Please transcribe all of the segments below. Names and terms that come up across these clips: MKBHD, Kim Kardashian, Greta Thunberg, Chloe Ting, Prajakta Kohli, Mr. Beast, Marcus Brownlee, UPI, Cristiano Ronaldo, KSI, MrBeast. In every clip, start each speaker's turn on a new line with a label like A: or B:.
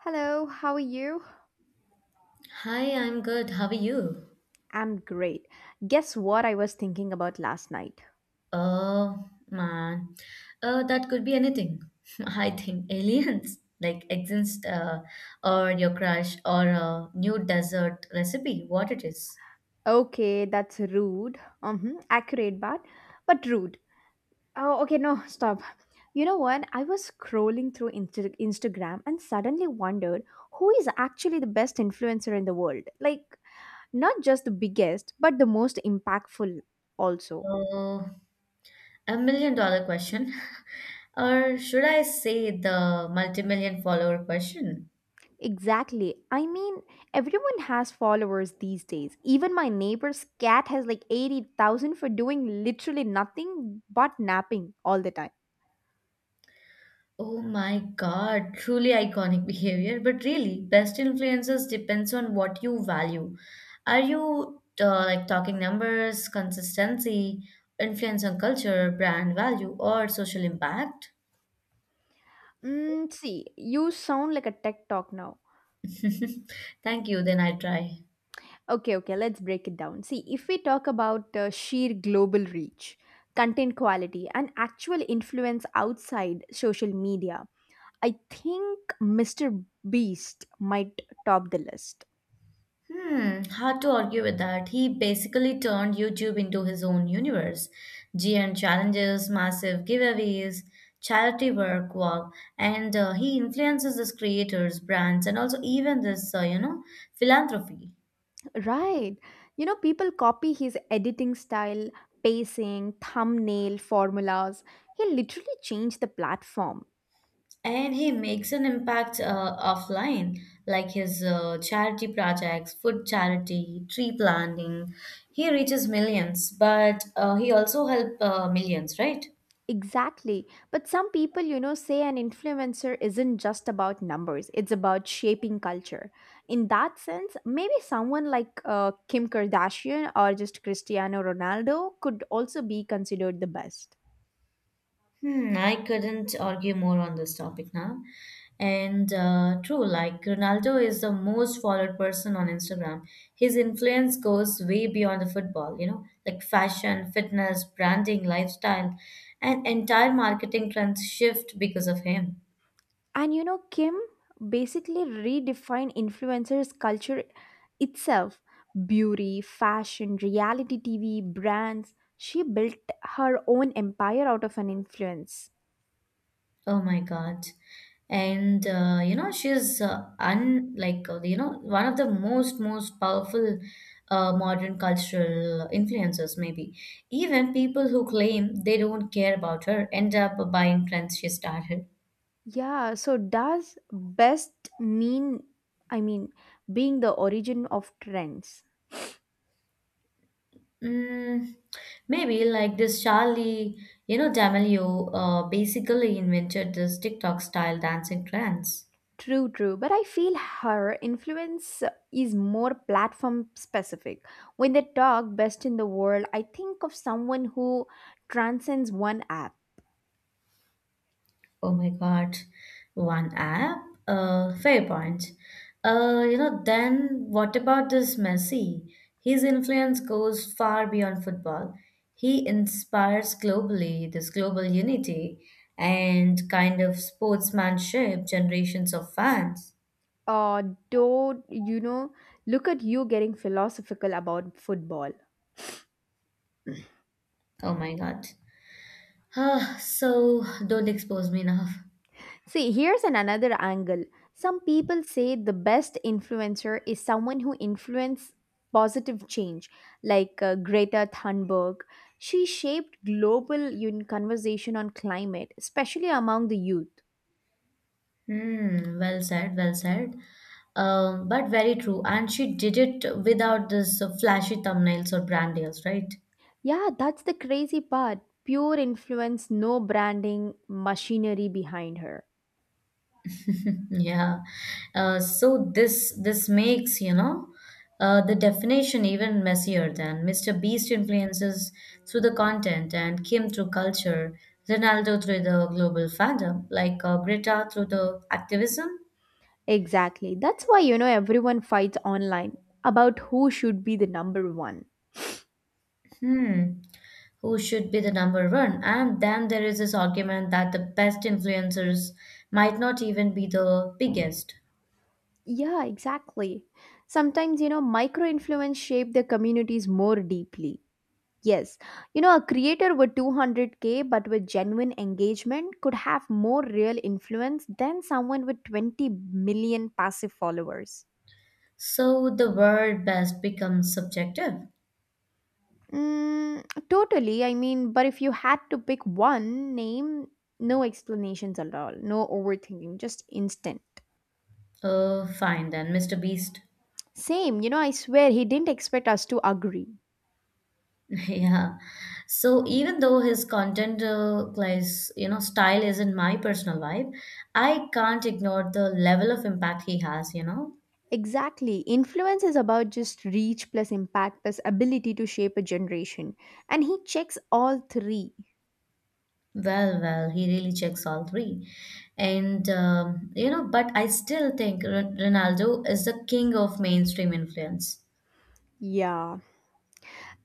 A: Hello, how are you?
B: Hi, I'm good. How are you?
A: I'm great. Guess what I was thinking about last night?
B: Oh, man. Oh, that could be anything. I think aliens, like exist, or your crush, or a new dessert recipe, what it is.
A: Okay, that's rude. Mm-hmm, accurate, but rude. Oh, okay, no, stop. You know what? I was scrolling through Instagram and suddenly wondered who is actually the best influencer in the world. Like, not just the biggest, but the most impactful also.
B: Oh, $1 million question. Or should I say the multi-million follower question?
A: Exactly. I mean, everyone has followers these days. Even my neighbor's cat has like 80,000 for doing literally nothing but napping all the time.
B: Oh my God, truly iconic behavior. But really, best influences depends on what you value. Are you like talking numbers, consistency, influence on culture, brand value, or social impact?
A: Mm, see, you sound like a tech talk now.
B: Thank you, then I try.
A: Okay, okay, let's break it down. See, if we talk about sheer global reach, content quality, and actual influence outside social media, I think Mr. Beast might top the list.
B: Hmm, hard to argue with that. He basically turned YouTube into his own universe. GN challenges, massive giveaways, charity work, wow. And he influences these creators, brands, and also even this philanthropy.
A: Right. You know, people copy his editing style, pacing, thumbnail formulas. He literally changed the platform.
B: And he makes an impact offline, like his charity projects, food charity, tree planting. He reaches millions, but he also help millions, right?
A: Exactly. But some people, say an influencer isn't just about numbers, it's about shaping culture. In that sense, maybe someone like Kim Kardashian or just Cristiano Ronaldo could also be considered the best.
B: Hmm, I couldn't argue more on this topic now. And true, like Ronaldo is the most followed person on Instagram. His influence goes way beyond the football, you know, like fashion, fitness, branding, lifestyle, and entire marketing trends shift because of him.
A: And Kim basically redefined influencers' culture itself, beauty, fashion, reality TV, brands. She built her own empire out of an influence.
B: Oh my God. And you know, she's un like you know one of the most powerful modern cultural influencers. Maybe even people who claim they don't care about her end up buying trends she started.
A: Yeah, so does best mean, I mean, being the origin of trends?
B: Mm, maybe like this Charlie, you know, D'Amelio basically invented this TikTok style dancing trends.
A: True, true. But I feel her influence is more platform specific. When they talk best in the world, I think of someone who transcends one app.
B: Oh my God, one app? Fair point. You know, then what about this Messi? His influence goes far beyond football. He inspires globally, this global unity and kind of sportsmanship, generations of fans.
A: Uh, don't you know? Look at you getting philosophical about football.
B: Oh my God. Ah, so don't expose me now.
A: See, here's an another angle. Some people say the best influencer is someone who influences positive change, like Greta Thunberg. She shaped global conversation on climate, especially among the youth.
B: Hmm, well said, well said. But very true. And she did it without this flashy thumbnails or brand deals, right?
A: Yeah, that's the crazy part. Pure influence, no branding, machinery behind her.
B: Yeah. So this makes, you know, the definition even messier than Mr. Beast influences through the content and Kim through culture, Ronaldo through the global fandom, like Greta through the activism.
A: Exactly. That's why, everyone fights online about who should be the number one.
B: Hmm. Who should be the number one? And then there is this argument that the best influencers might not even be the biggest.
A: Yeah, exactly. Sometimes, micro influence shape the communities more deeply. Yes. A creator with 200K but with genuine engagement could have more real influence than someone with 20 million passive followers.
B: So the word best becomes subjective.
A: Mm, totally. I mean, but if you had to pick one name, no explanations at all, no overthinking, just instant.
B: Oh, fine then, Mr. Beast.
A: Same, I swear he didn't expect us to agree.
B: Yeah. So even though his content, style isn't my personal vibe, I can't ignore the level of impact he has, you know?
A: Exactly. Influence is about just reach plus impact plus ability to shape a generation. And he checks all three.
B: Well, well, he really checks all three. And, you know, but I still think Ronaldo is the king of mainstream influence.
A: Yeah,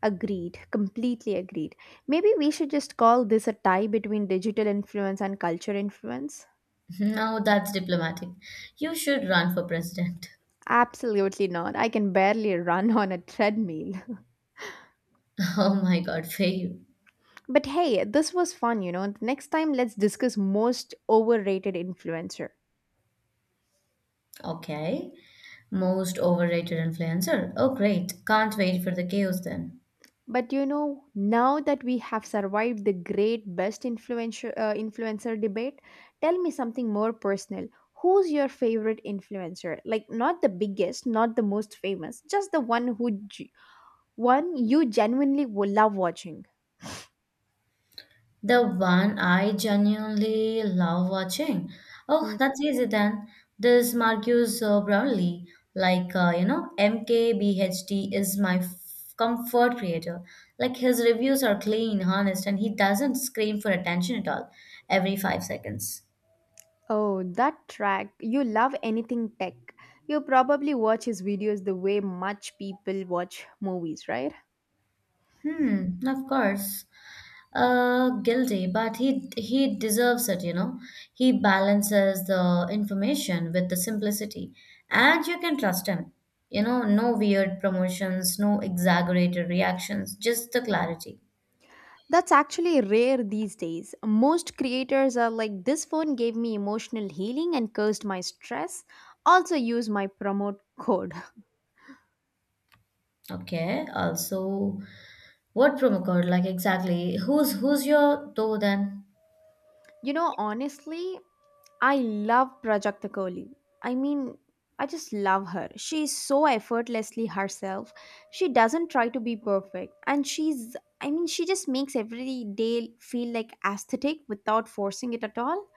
A: agreed. Completely agreed. Maybe we should just call this a tie between digital influence and culture influence.
B: No, that's diplomatic. You should run for president.
A: Absolutely not. I can barely run on a treadmill.
B: Oh my God, fail.
A: But hey, this was fun. Next time, let's discuss most overrated influencer.
B: Okay. Most overrated influencer. Oh, great. Can't wait for the chaos then.
A: But now that we have survived the great best influencer debate, tell me something more personal. Who's your favorite influencer? Like, not the biggest, not the most famous, just the one who one you genuinely love watching.
B: The one I genuinely love watching. Oh,
A: Mm.
B: that's easy then. This Marcus Brownlee, like you know, MKBHD is my comfort creator. Like his reviews are clean, honest, and he doesn't scream for attention at all every 5 seconds.
A: Oh, that track. You love anything tech. You probably watch his videos the way much people watch movies, right?
B: Hmm, of course. Guilty, but he deserves it, you know. He balances the information with the simplicity, and you can trust him. You know, no weird promotions, no exaggerated reactions, just the clarity.
A: That's actually rare these days. Most creators are like, this phone gave me emotional healing and cursed my stress. Also, use my promote code.
B: Okay, also, what promo code? Like exactly, who's your though then?
A: Honestly, I love Prajakta Kohli. I mean, I just love her. She is so effortlessly herself. She doesn't try to be perfect. And she's, I mean, she just makes every day feel like aesthetic without forcing it at all.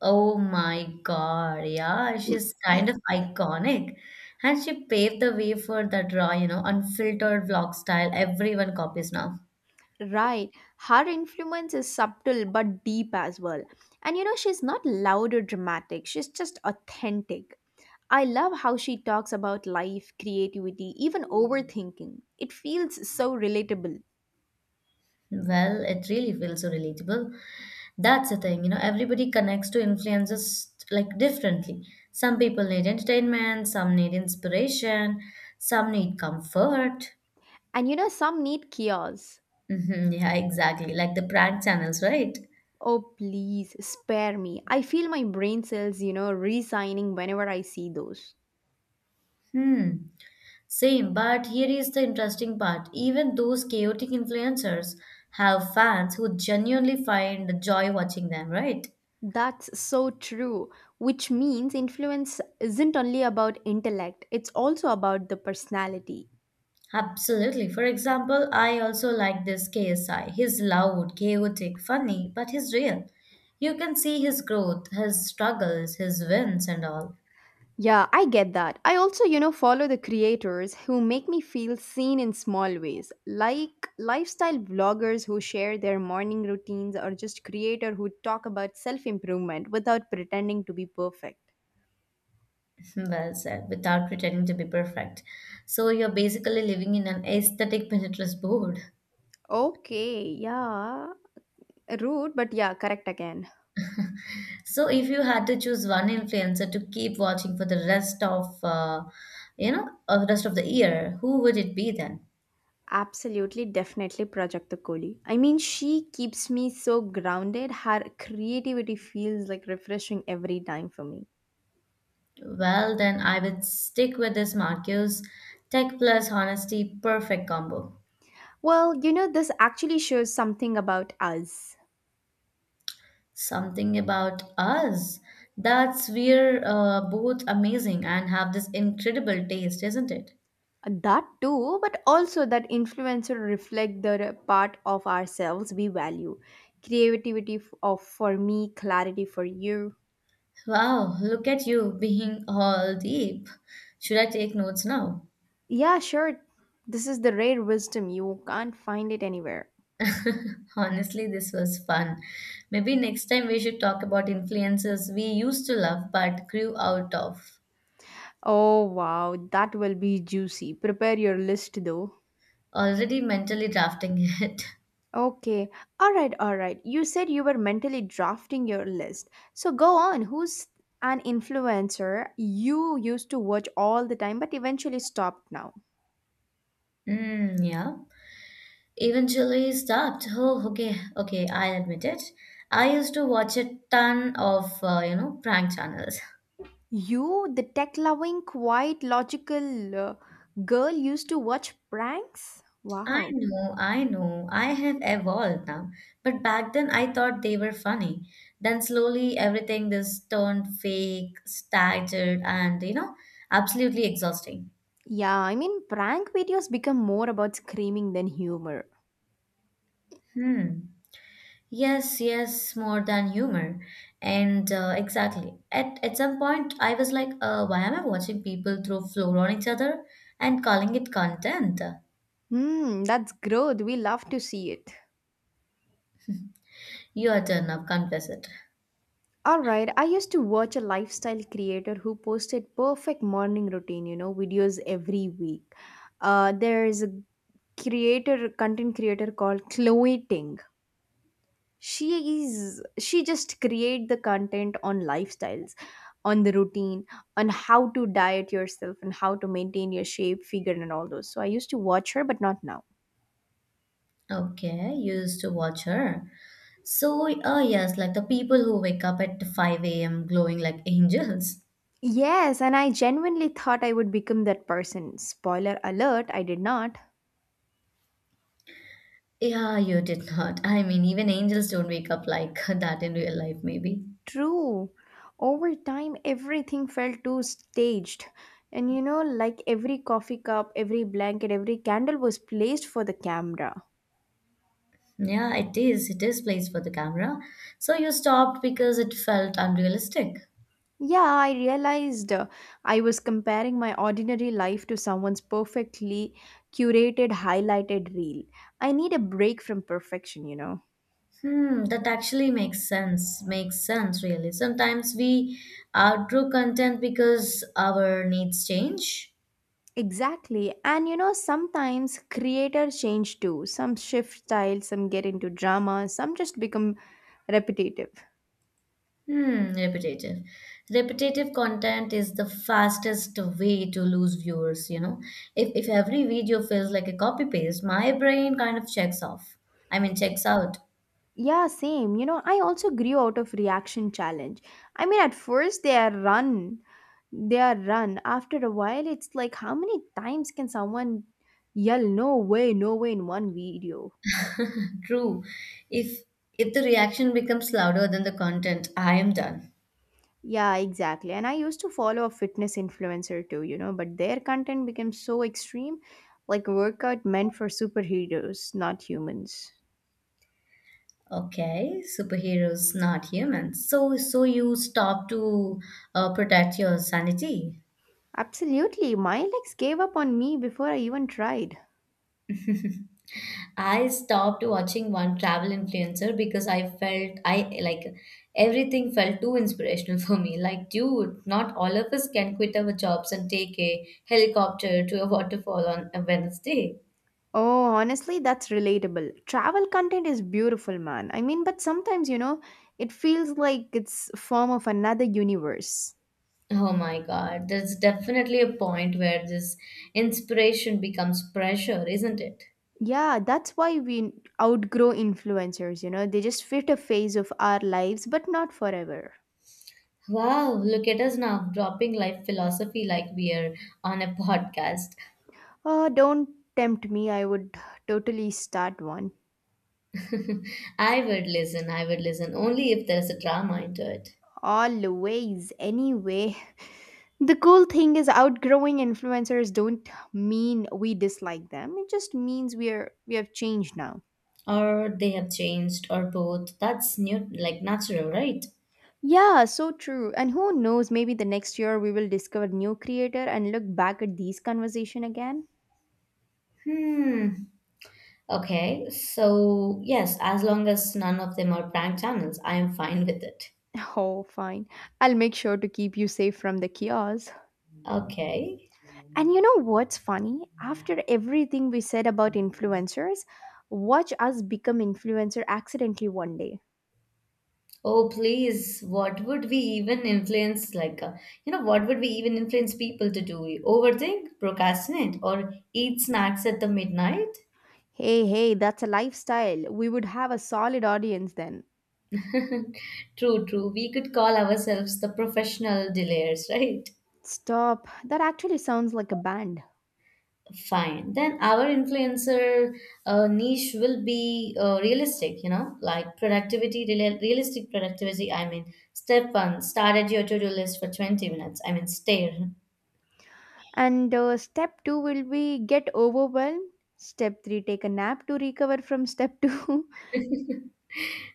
B: Oh my God. Yeah, she's kind of iconic. And she paved the way for that raw, you know, unfiltered vlog style everyone copies now.
A: Right. Her influence is subtle but deep as well. And she's not loud or dramatic, she's just authentic. I love how she talks about life, creativity, even overthinking. It feels so relatable.
B: Well, it really feels so relatable. That's the thing, you know, everybody connects to influences like differently. Some people need entertainment, some need inspiration, some need comfort.
A: And some need chaos.
B: Hmm, yeah, exactly. Like the prank channels, right?
A: Oh, please spare me. I feel my brain cells resigning whenever I see those.
B: Hmm. Same, but here is the interesting part. Even those chaotic influencers have fans who genuinely find joy watching them, right?
A: That's so true, which means influence isn't only about intellect, it's also about the personality.
B: Absolutely. For example, I also like this KSI. He's loud, chaotic, funny, but he's real. You can see his growth, his struggles, his wins, and all.
A: Yeah, I get that. I also, follow the creators who make me feel seen in small ways, like lifestyle vloggers who share their morning routines or just creator who talk about self-improvement without pretending to be perfect.
B: Well said, without pretending to be perfect. So you're basically living in an aesthetic Pinterest board.
A: Okay, yeah. Rude, but yeah, correct again.
B: So if you had to choose one influencer to keep watching for the rest of you know of the rest of the year, who would it be then?
A: Absolutely, definitely Project the Kohli. I mean, she keeps me so grounded. Her creativity feels like refreshing every time for me.
B: Well, then I would stick with this Marcus, tech plus honesty perfect combo.
A: Well, this actually shows something about us.
B: Something about us, that's we're both amazing and have this incredible taste, isn't it?
A: That too, but also that influencer reflect the part of ourselves we value creativity, f- of for me, clarity for you.
B: Wow, look at you being all deep. Should I take notes now?
A: Yeah, sure, this is the rare wisdom, you can't find it anywhere.
B: Honestly, this was fun. Maybe next time we should talk about influences we used to love but grew out of.
A: Oh wow, that will be juicy, prepare your list though.
B: Already mentally drafting it.
A: Okay, all right, you said you were mentally drafting your list, so go on. Who's an influencer you used to watch all the time but eventually stopped now?
B: Mm, yeah. Eventually stopped. Oh, okay, okay, I'll admit it. I used to watch a ton of, you know, prank channels.
A: You, the tech loving, quiet, logical, girl, used to watch pranks?
B: I
A: Wow.
B: know, I know. I have evolved now. But back then I thought they were funny. Then slowly everything just turned fake, staggered, and you know, absolutely exhausting.
A: Yeah, I mean, prank videos become more about screaming than humor.
B: Hmm. Yes, yes, more than humor. And exactly. At some point, I was like, why am I watching people throw floor on each other and calling it content?
A: Hmm, that's growth. We love to see it.
B: You are done now, confess it.
A: Alright, I used to watch a lifestyle creator who posted perfect morning routine, videos every week. There is a content creator called Chloe Ting. She is, she just create the content on lifestyles, on the routine, on how to diet yourself and how to maintain your shape figure and all those. So I used to watch her but not now.
B: Okay, you used to watch her. So, yes, like the people who wake up at 5 a.m. glowing like angels.
A: Yes, and I genuinely thought I would become that person, spoiler alert, I did not.
B: Yeah, you did not. I mean, even angels don't wake up like that in real life, maybe.
A: True, over time everything felt too staged, and like every coffee cup, every blanket, every candle was placed for the camera.
B: Yeah, it is. It is placed for the camera. So you stopped because it felt unrealistic.
A: Yeah, I realized I was comparing my ordinary life to someone's perfectly curated, highlighted reel. I need a break from perfection.
B: Hmm, that actually makes sense. Makes sense, really. Sometimes we outgrow content because our needs change.
A: Exactly. And sometimes creators change too. Some shift style, some get into drama, some just become repetitive.
B: Hmm, repetitive. Repetitive content is the fastest way to lose viewers, you know. If every video feels like a copy paste, my brain kind of checks off. I mean checks out.
A: Yeah, same. I also grew out of reaction challenge. I mean, at first they are run after a while. It's like how many times can someone yell no way, no way in one video.
B: True. If if the reaction becomes louder than the content, I am done.
A: Yeah, exactly. And I used to follow a fitness influencer too, but their content became so extreme, like workout meant for superheroes, not humans.
B: Okay, superheroes, not humans. So you stop to protect your sanity.
A: Absolutely, my legs gave up on me before I even tried.
B: I stopped watching one travel influencer because I felt I like everything felt too inspirational for me. Like, dude, not all of us can quit our jobs and take a helicopter to a waterfall on a Wednesday.
A: Oh honestly, that's relatable. Travel content is beautiful, man. I mean, but sometimes, it feels like it's a form of another universe.
B: Oh my God, there's definitely a point where this inspiration becomes pressure, isn't it?
A: Yeah, that's why we outgrow influencers. They just fit a phase of our lives, but not forever.
B: Wow, look at us now, dropping life philosophy like we are on a podcast.
A: Oh, don't tempt me. I would totally start one.
B: I would listen only if there's a drama into it.
A: Always, anyway. The cool thing is outgrowing influencers don't mean we dislike them. It just means we have changed now.
B: Or they have changed, or both. That's new, like natural, right?
A: Yeah, so true. And who knows, maybe the next year we will discover new creator and look back at these conversation again.
B: Hmm, okay, so yes, as long as none of them are prank channels, I am fine with it.
A: Oh, fine. I'll make sure to keep you safe from the chaos.
B: Okay.
A: And you know what's funny? After everything we said about influencers, watch us become influencer accidentally one day.
B: Oh, please, what would we even influence, like, you know, what would we even influence people to do? Overthink, procrastinate, or eat snacks at the midnight?
A: Hey, hey, that's a lifestyle. We would have a solid audience then.
B: True, true, we could call ourselves the professional delayers. Right.
A: Stop. That actually sounds like a band.
B: Fine. Then our influencer niche will be realistic, you know, like productivity, realistic productivity. I mean, step one, start at your to-do list for 20 minutes. I mean, stare.
A: And step 2 will be get overwhelmed. Step 3, take a nap to recover from step 2.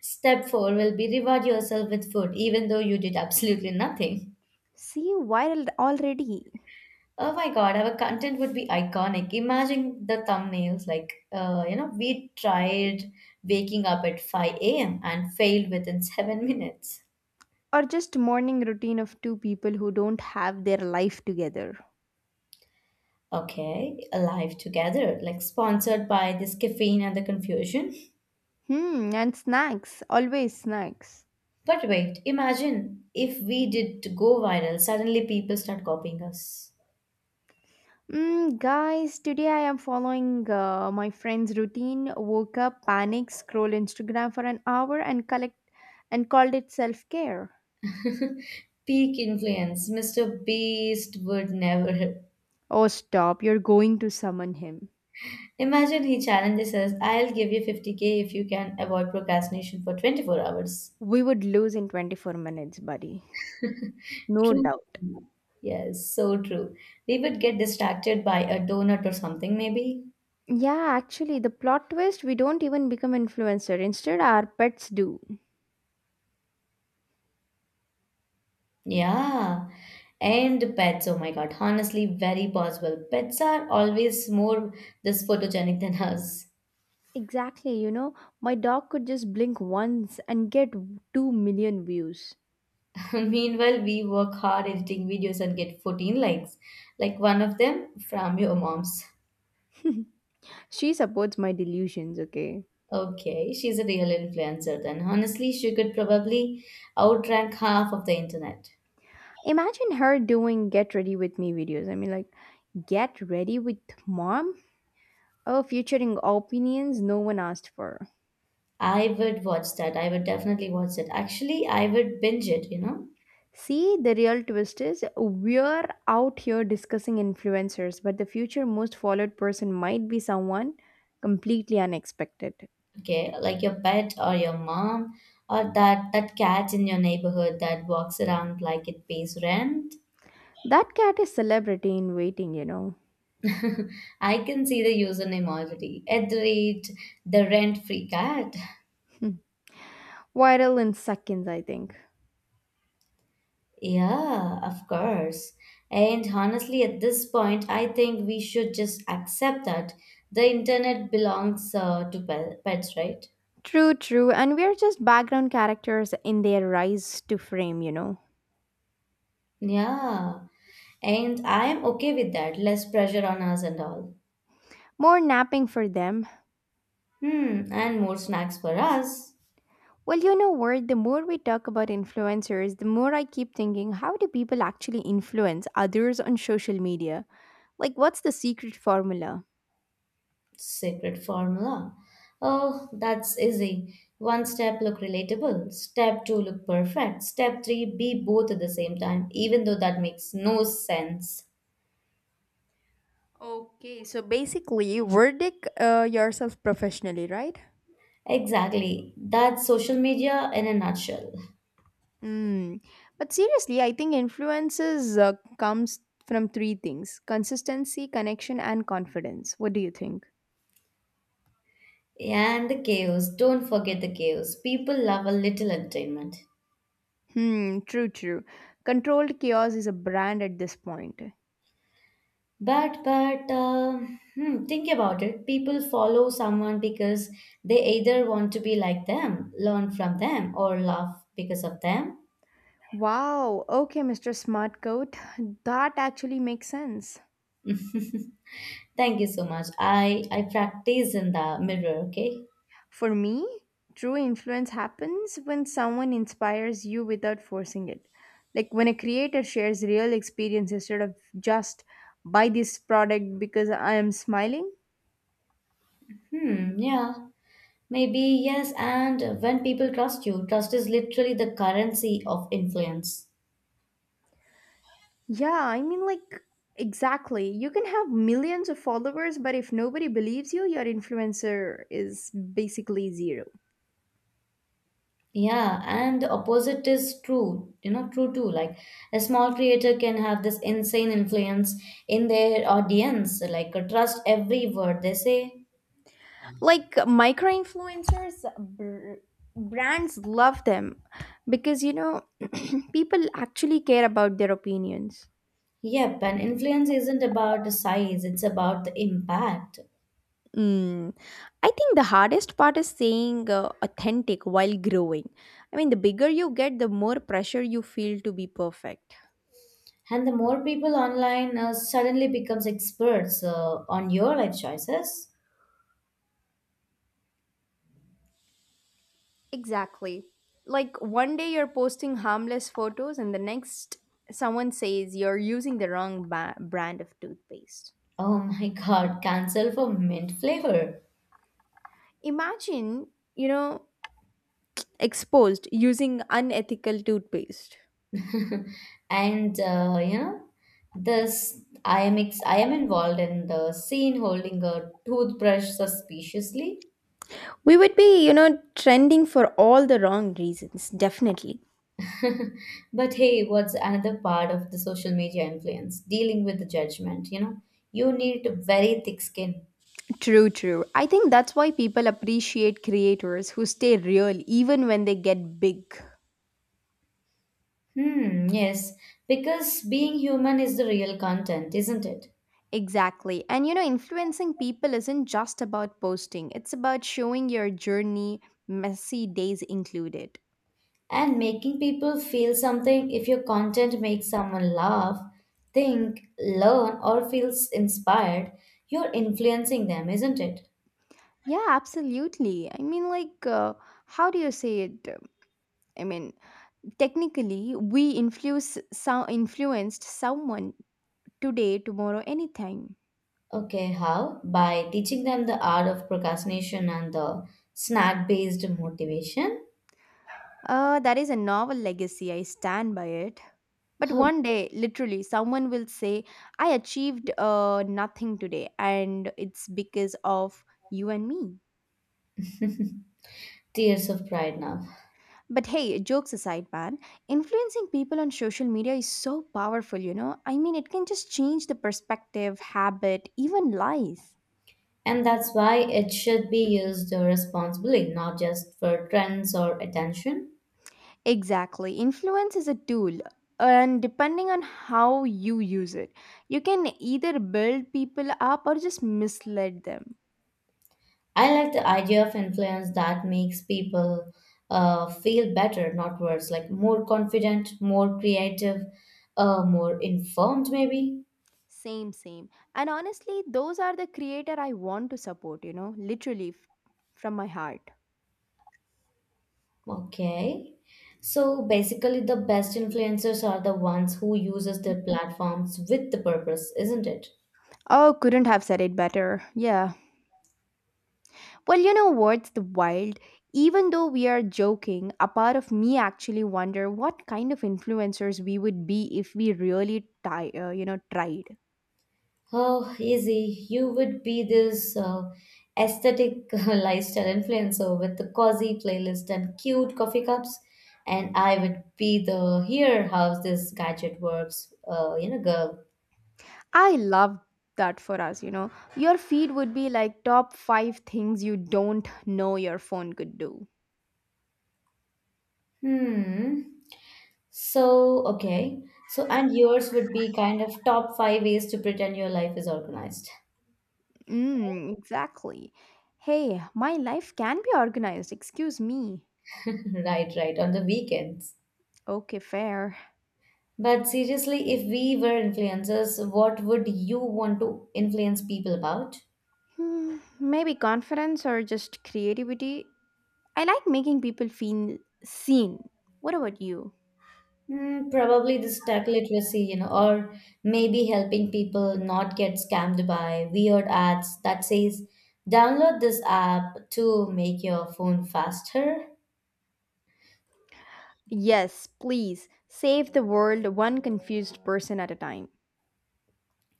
B: Step four will be reward yourself with food, even though you did absolutely nothing.
A: See, viral already.
B: Oh my God, our content would be iconic. Imagine the thumbnails like, you know, we tried waking up at 5 a.m. and failed within 7 minutes.
A: Or just morning routine of two people who don't have their life together.
B: Okay, Alive Together, like sponsored by this caffeine and the confusion.
A: Hmm, and snacks, always snacks.
B: But wait, imagine if we did go viral, suddenly people start copying us.
A: Mm, guys, today I am following my friend's routine. Woke up, panic, scroll Instagram for an hour, and collect and called it self care.
B: Peak influence, Mr. Beast would never.
A: Oh, stop! You're going to summon him.
B: Imagine he challenges us, I'll give you 50k if you can avoid procrastination for 24 hours.
A: We would lose in 24 minutes, buddy. No
B: True.
A: doubt.
B: Yes, so true. We would get distracted by a donut or something, maybe.
A: Yeah, actually, the plot twist, we don't even become influencer. Instead, our pets do.
B: Yeah, and pets, oh my God, honestly, very possible. Pets are always more this photogenic than us.
A: Exactly, my dog could just blink once and get 2 million views.
B: Meanwhile, we work hard editing videos and get 14 likes, like one of them from your mom's.
A: She supports my delusions, okay?
B: Okay, she's a real influencer then. Honestly, she could probably outrank half of the internet.
A: Imagine her doing get ready with me videos. I mean, like, get ready with mom? Oh, featuring opinions no one asked for.
B: I would watch that. I would definitely watch that. Actually, I would binge it, you know?
A: See, the real twist is we're out here discussing influencers, but the future most followed person might be someone completely unexpected.
B: Okay, like your pet or your mom or that cat in your neighborhood that walks around like it pays rent.
A: That cat is celebrity in waiting.
B: I can see the username already. At the rate, the rent free cat.
A: Hmm. Viral in seconds, I think.
B: Yeah, of course. And honestly, at this point, I think we should just accept that the internet belongs to pets, right?
A: True, true. And we're just background characters in their rise to fame.
B: Yeah. And I'm okay with that. Less pressure on us and all.
A: More napping for them.
B: Hmm, and more snacks for us.
A: Well, you know what? The more we talk about influencers, the more I keep thinking, how do people actually influence others on social media? Like, what's the secret formula?
B: Secret formula. Oh, that's easy. One step, look relatable; step two, look perfect; step three, be both at the same time, even though that makes no sense.
A: Okay, so basically, verdict yourself professionally, right?
B: Exactly. That's social media in a nutshell.
A: Mm. But seriously, I think influences comes from three things: consistency, connection, and confidence. What do you think?
B: And the chaos. Don't forget the chaos. People love a little entertainment.
A: Hmm. True. True. Controlled chaos is a brand at this point.
B: Think about it. People follow someone because they either want to be like them, learn from them, or laugh because of them.
A: Wow, okay, Mr. Smartcoat, that actually makes sense.
B: Thank you so much. I practice in the mirror, okay?
A: For me, true influence happens when someone inspires you without forcing it. Like when a creator shares real experience instead of just buy this product because I am smiling.
B: Hmm, yeah. Maybe yes, and when people trust you, trust is literally the currency of influence.
A: Yeah, I mean, like, exactly. You can have millions of followers, but if nobody believes you, your influencer is basically zero.
B: Yeah, and the opposite is true, true too. Like a small creator can have this insane influence in their audience, like trust every word they say.
A: Like micro influencers brands love them because people actually care about their opinions
B: Yep, and influence isn't about the size, it's about the impact.
A: mm. I think the hardest part is staying authentic while growing. I mean, the bigger you get, the more pressure you feel to be perfect.
B: And the more people online suddenly becomes experts on your life choices.
A: Exactly. Like one day you're posting harmless photos, and the next someone says you're using the wrong brand of toothpaste.
B: Oh my god, cancel for mint flavor.
A: Imagine, you know exposed using unethical toothpaste.
B: And this I am involved in the scene holding a toothbrush suspiciously.
A: We would be, you know, trending for all the wrong reasons, definitely.
B: But hey, what's another part of the social media influence? Dealing with the judgment, you know. You need very thick skin.
A: True, true. I think that's why people appreciate creators who stay real even when they get big.
B: Hmm, yes, because being human is the real content, isn't it?
A: Exactly. And you know, influencing people isn't just about posting, it's about showing your journey, messy days included.
B: And making people feel something. If your content makes someone laugh, think, learn, or feels inspired, you're influencing them, isn't it?
A: Yeah, absolutely. I mean, how do you say it? I mean, technically, we influence so influenced someone today, tomorrow, anytime.
B: Okay, how? By teaching them the art of procrastination and the snack based motivation.
A: That is a novel legacy. I stand by it. But
B: Oh,
A: one day, literally, someone will say, I achieved nothing today, and it's because of you and me.
B: tears of pride now.
A: But hey, jokes aside, man, influencing people on social media is so powerful, you know? I mean, it can just change the perspective, habit, even life.
B: And that's why it should be used responsibly, not just for trends or attention.
A: Exactly. Influence is a tool, and depending on how you use it, you can either build people up or just mislead them.
B: I like the idea of influence that makes people feel better, not worse, like more confident, more creative, more informed, maybe.
A: Same, same. And honestly, those are the creator I want to support, you know, literally from my heart.
B: Okay. So basically, the best influencers are the ones who uses their platforms with the purpose, isn't it?
A: Oh, couldn't have said it better. Yeah. Well, you know what's the wild? Even though we are joking, a part of me actually wonder what kind of influencers we would be if we really try, tried.
B: Oh, easy. You would be this aesthetic lifestyle influencer with the cozy playlist and cute coffee cups, and I would be the here how this gadget works, girl.
A: I love that for us, you know. Your feed would be like top five things you don't know your phone could do.
B: Hmm. So, okay. So, and yours would be kind of top five ways to pretend your life is organized.
A: Mm, exactly. Hey, my life can be organized, excuse me.
B: Right, right, on the weekends.
A: Okay, fair.
B: But seriously, if we were influencers, what would you want to influence people about?
A: Hmm, maybe confidence or just creativity. I like making people feel seen. What about you?
B: Mm, probably this tech literacy, you know, or maybe helping people not get scammed by weird ads that says, download this app to make your phone faster.
A: Yes, please. Save the world one confused person at a time.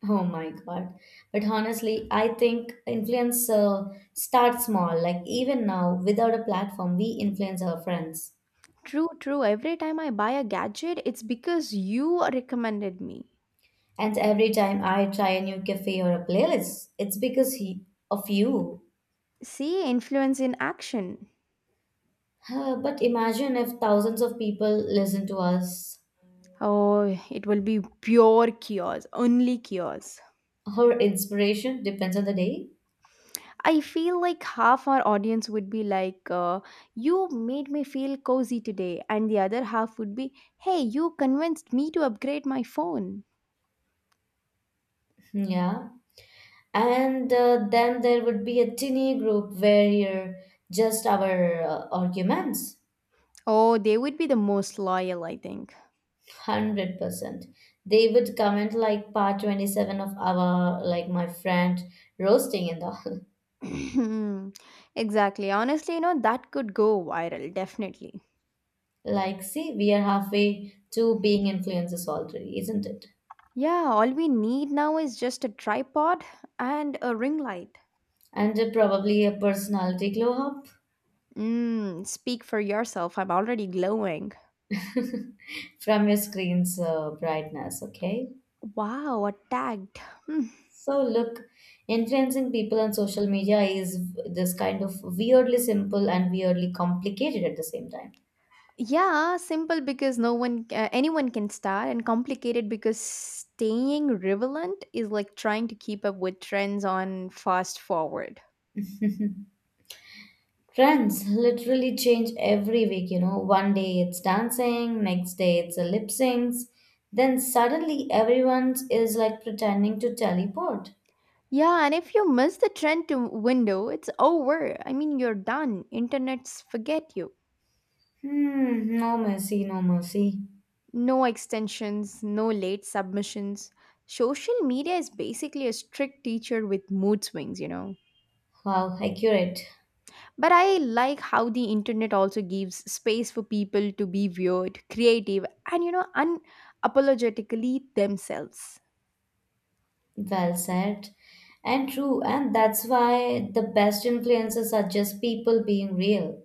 B: Oh my God. But honestly, I think influence start small. Like even now, without a platform, we influence our friends.
A: True, true. Every time I buy a gadget, it's because you recommended me.
B: And every time I try a new cafe or a playlist, it's because he, of you.
A: See influence in action.
B: But imagine if thousands of people listen to us.
A: Oh, it will be pure chaos, only chaos.
B: Her inspiration depends on the day.
A: I feel like half our audience would be like, you made me feel cozy today. And the other half would be, hey, you convinced me to upgrade my phone.
B: Yeah. And then there would be a tiny group where you're just our arguments.
A: Oh, they would be the most loyal, I think.
B: 100%. They would comment like part 27 of our, like my friend roasting and all.
A: Exactly. Honestly, you know, that could go viral, definitely.
B: Like, see, we are halfway to being influencers already, isn't it?
A: Yeah, all we need now is just a tripod and a ring light.
B: And probably a personality glow up
A: Mm, speak for yourself. I'm already glowing.
B: from your screen's brightness, okay?
A: Wow, attacked. Hmm.
B: So look, influencing people on social media is this kind of weirdly simple and weirdly complicated at the same time.
A: Yeah, simple because no one, anyone can start, and complicated because staying relevant is like trying to keep up with trends on fast forward.
B: Trends literally change every week, you know. One day it's dancing, next day it's a lip syncs, then suddenly everyone is like pretending to teleport.
A: Yeah, and if you miss the trend to window, it's over. I mean, you're done. Internets forget you.
B: Hmm, no mercy, no mercy.
A: No extensions, no late submissions. Social media is basically a strict teacher with mood swings, you know.
B: Wow, accurate.
A: But I like how the internet also gives space for people to be weird, creative, and, you know, unapologetically themselves.
B: Well said. And true, and that's why the best influencers are just people being real.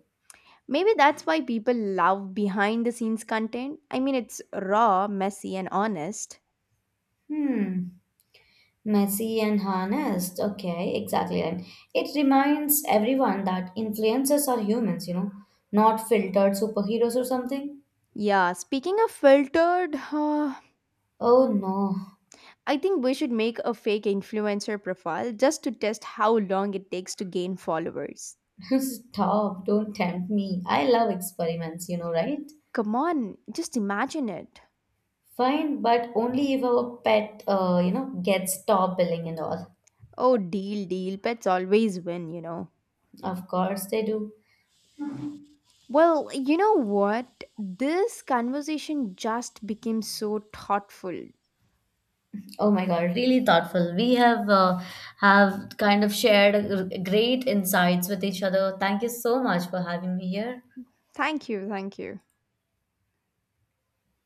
A: Maybe that's why people love behind the scenes content. I mean, it's raw, messy, and honest.
B: Hmm. Messy and honest. Okay, exactly. And it reminds everyone that influencers are humans, you know, not filtered superheroes or something.
A: Yeah, speaking of filtered,
B: Oh no,
A: I think we should make a fake influencer profile just to test how long it takes to gain followers.
B: stop. Don't tempt me. I love experiments, you know, right?
A: Come on, just imagine it.
B: Fine, but only if our pet, gets top billing and all.
A: Oh, deal, deal. Pets always win, you know.
B: Of course they do.
A: Well, you know what? This conversation just became so thoughtful.
B: Oh my God, really thoughtful. We have kind of shared great insights with each other. Thank you so much for having me here.
A: Thank you, thank you.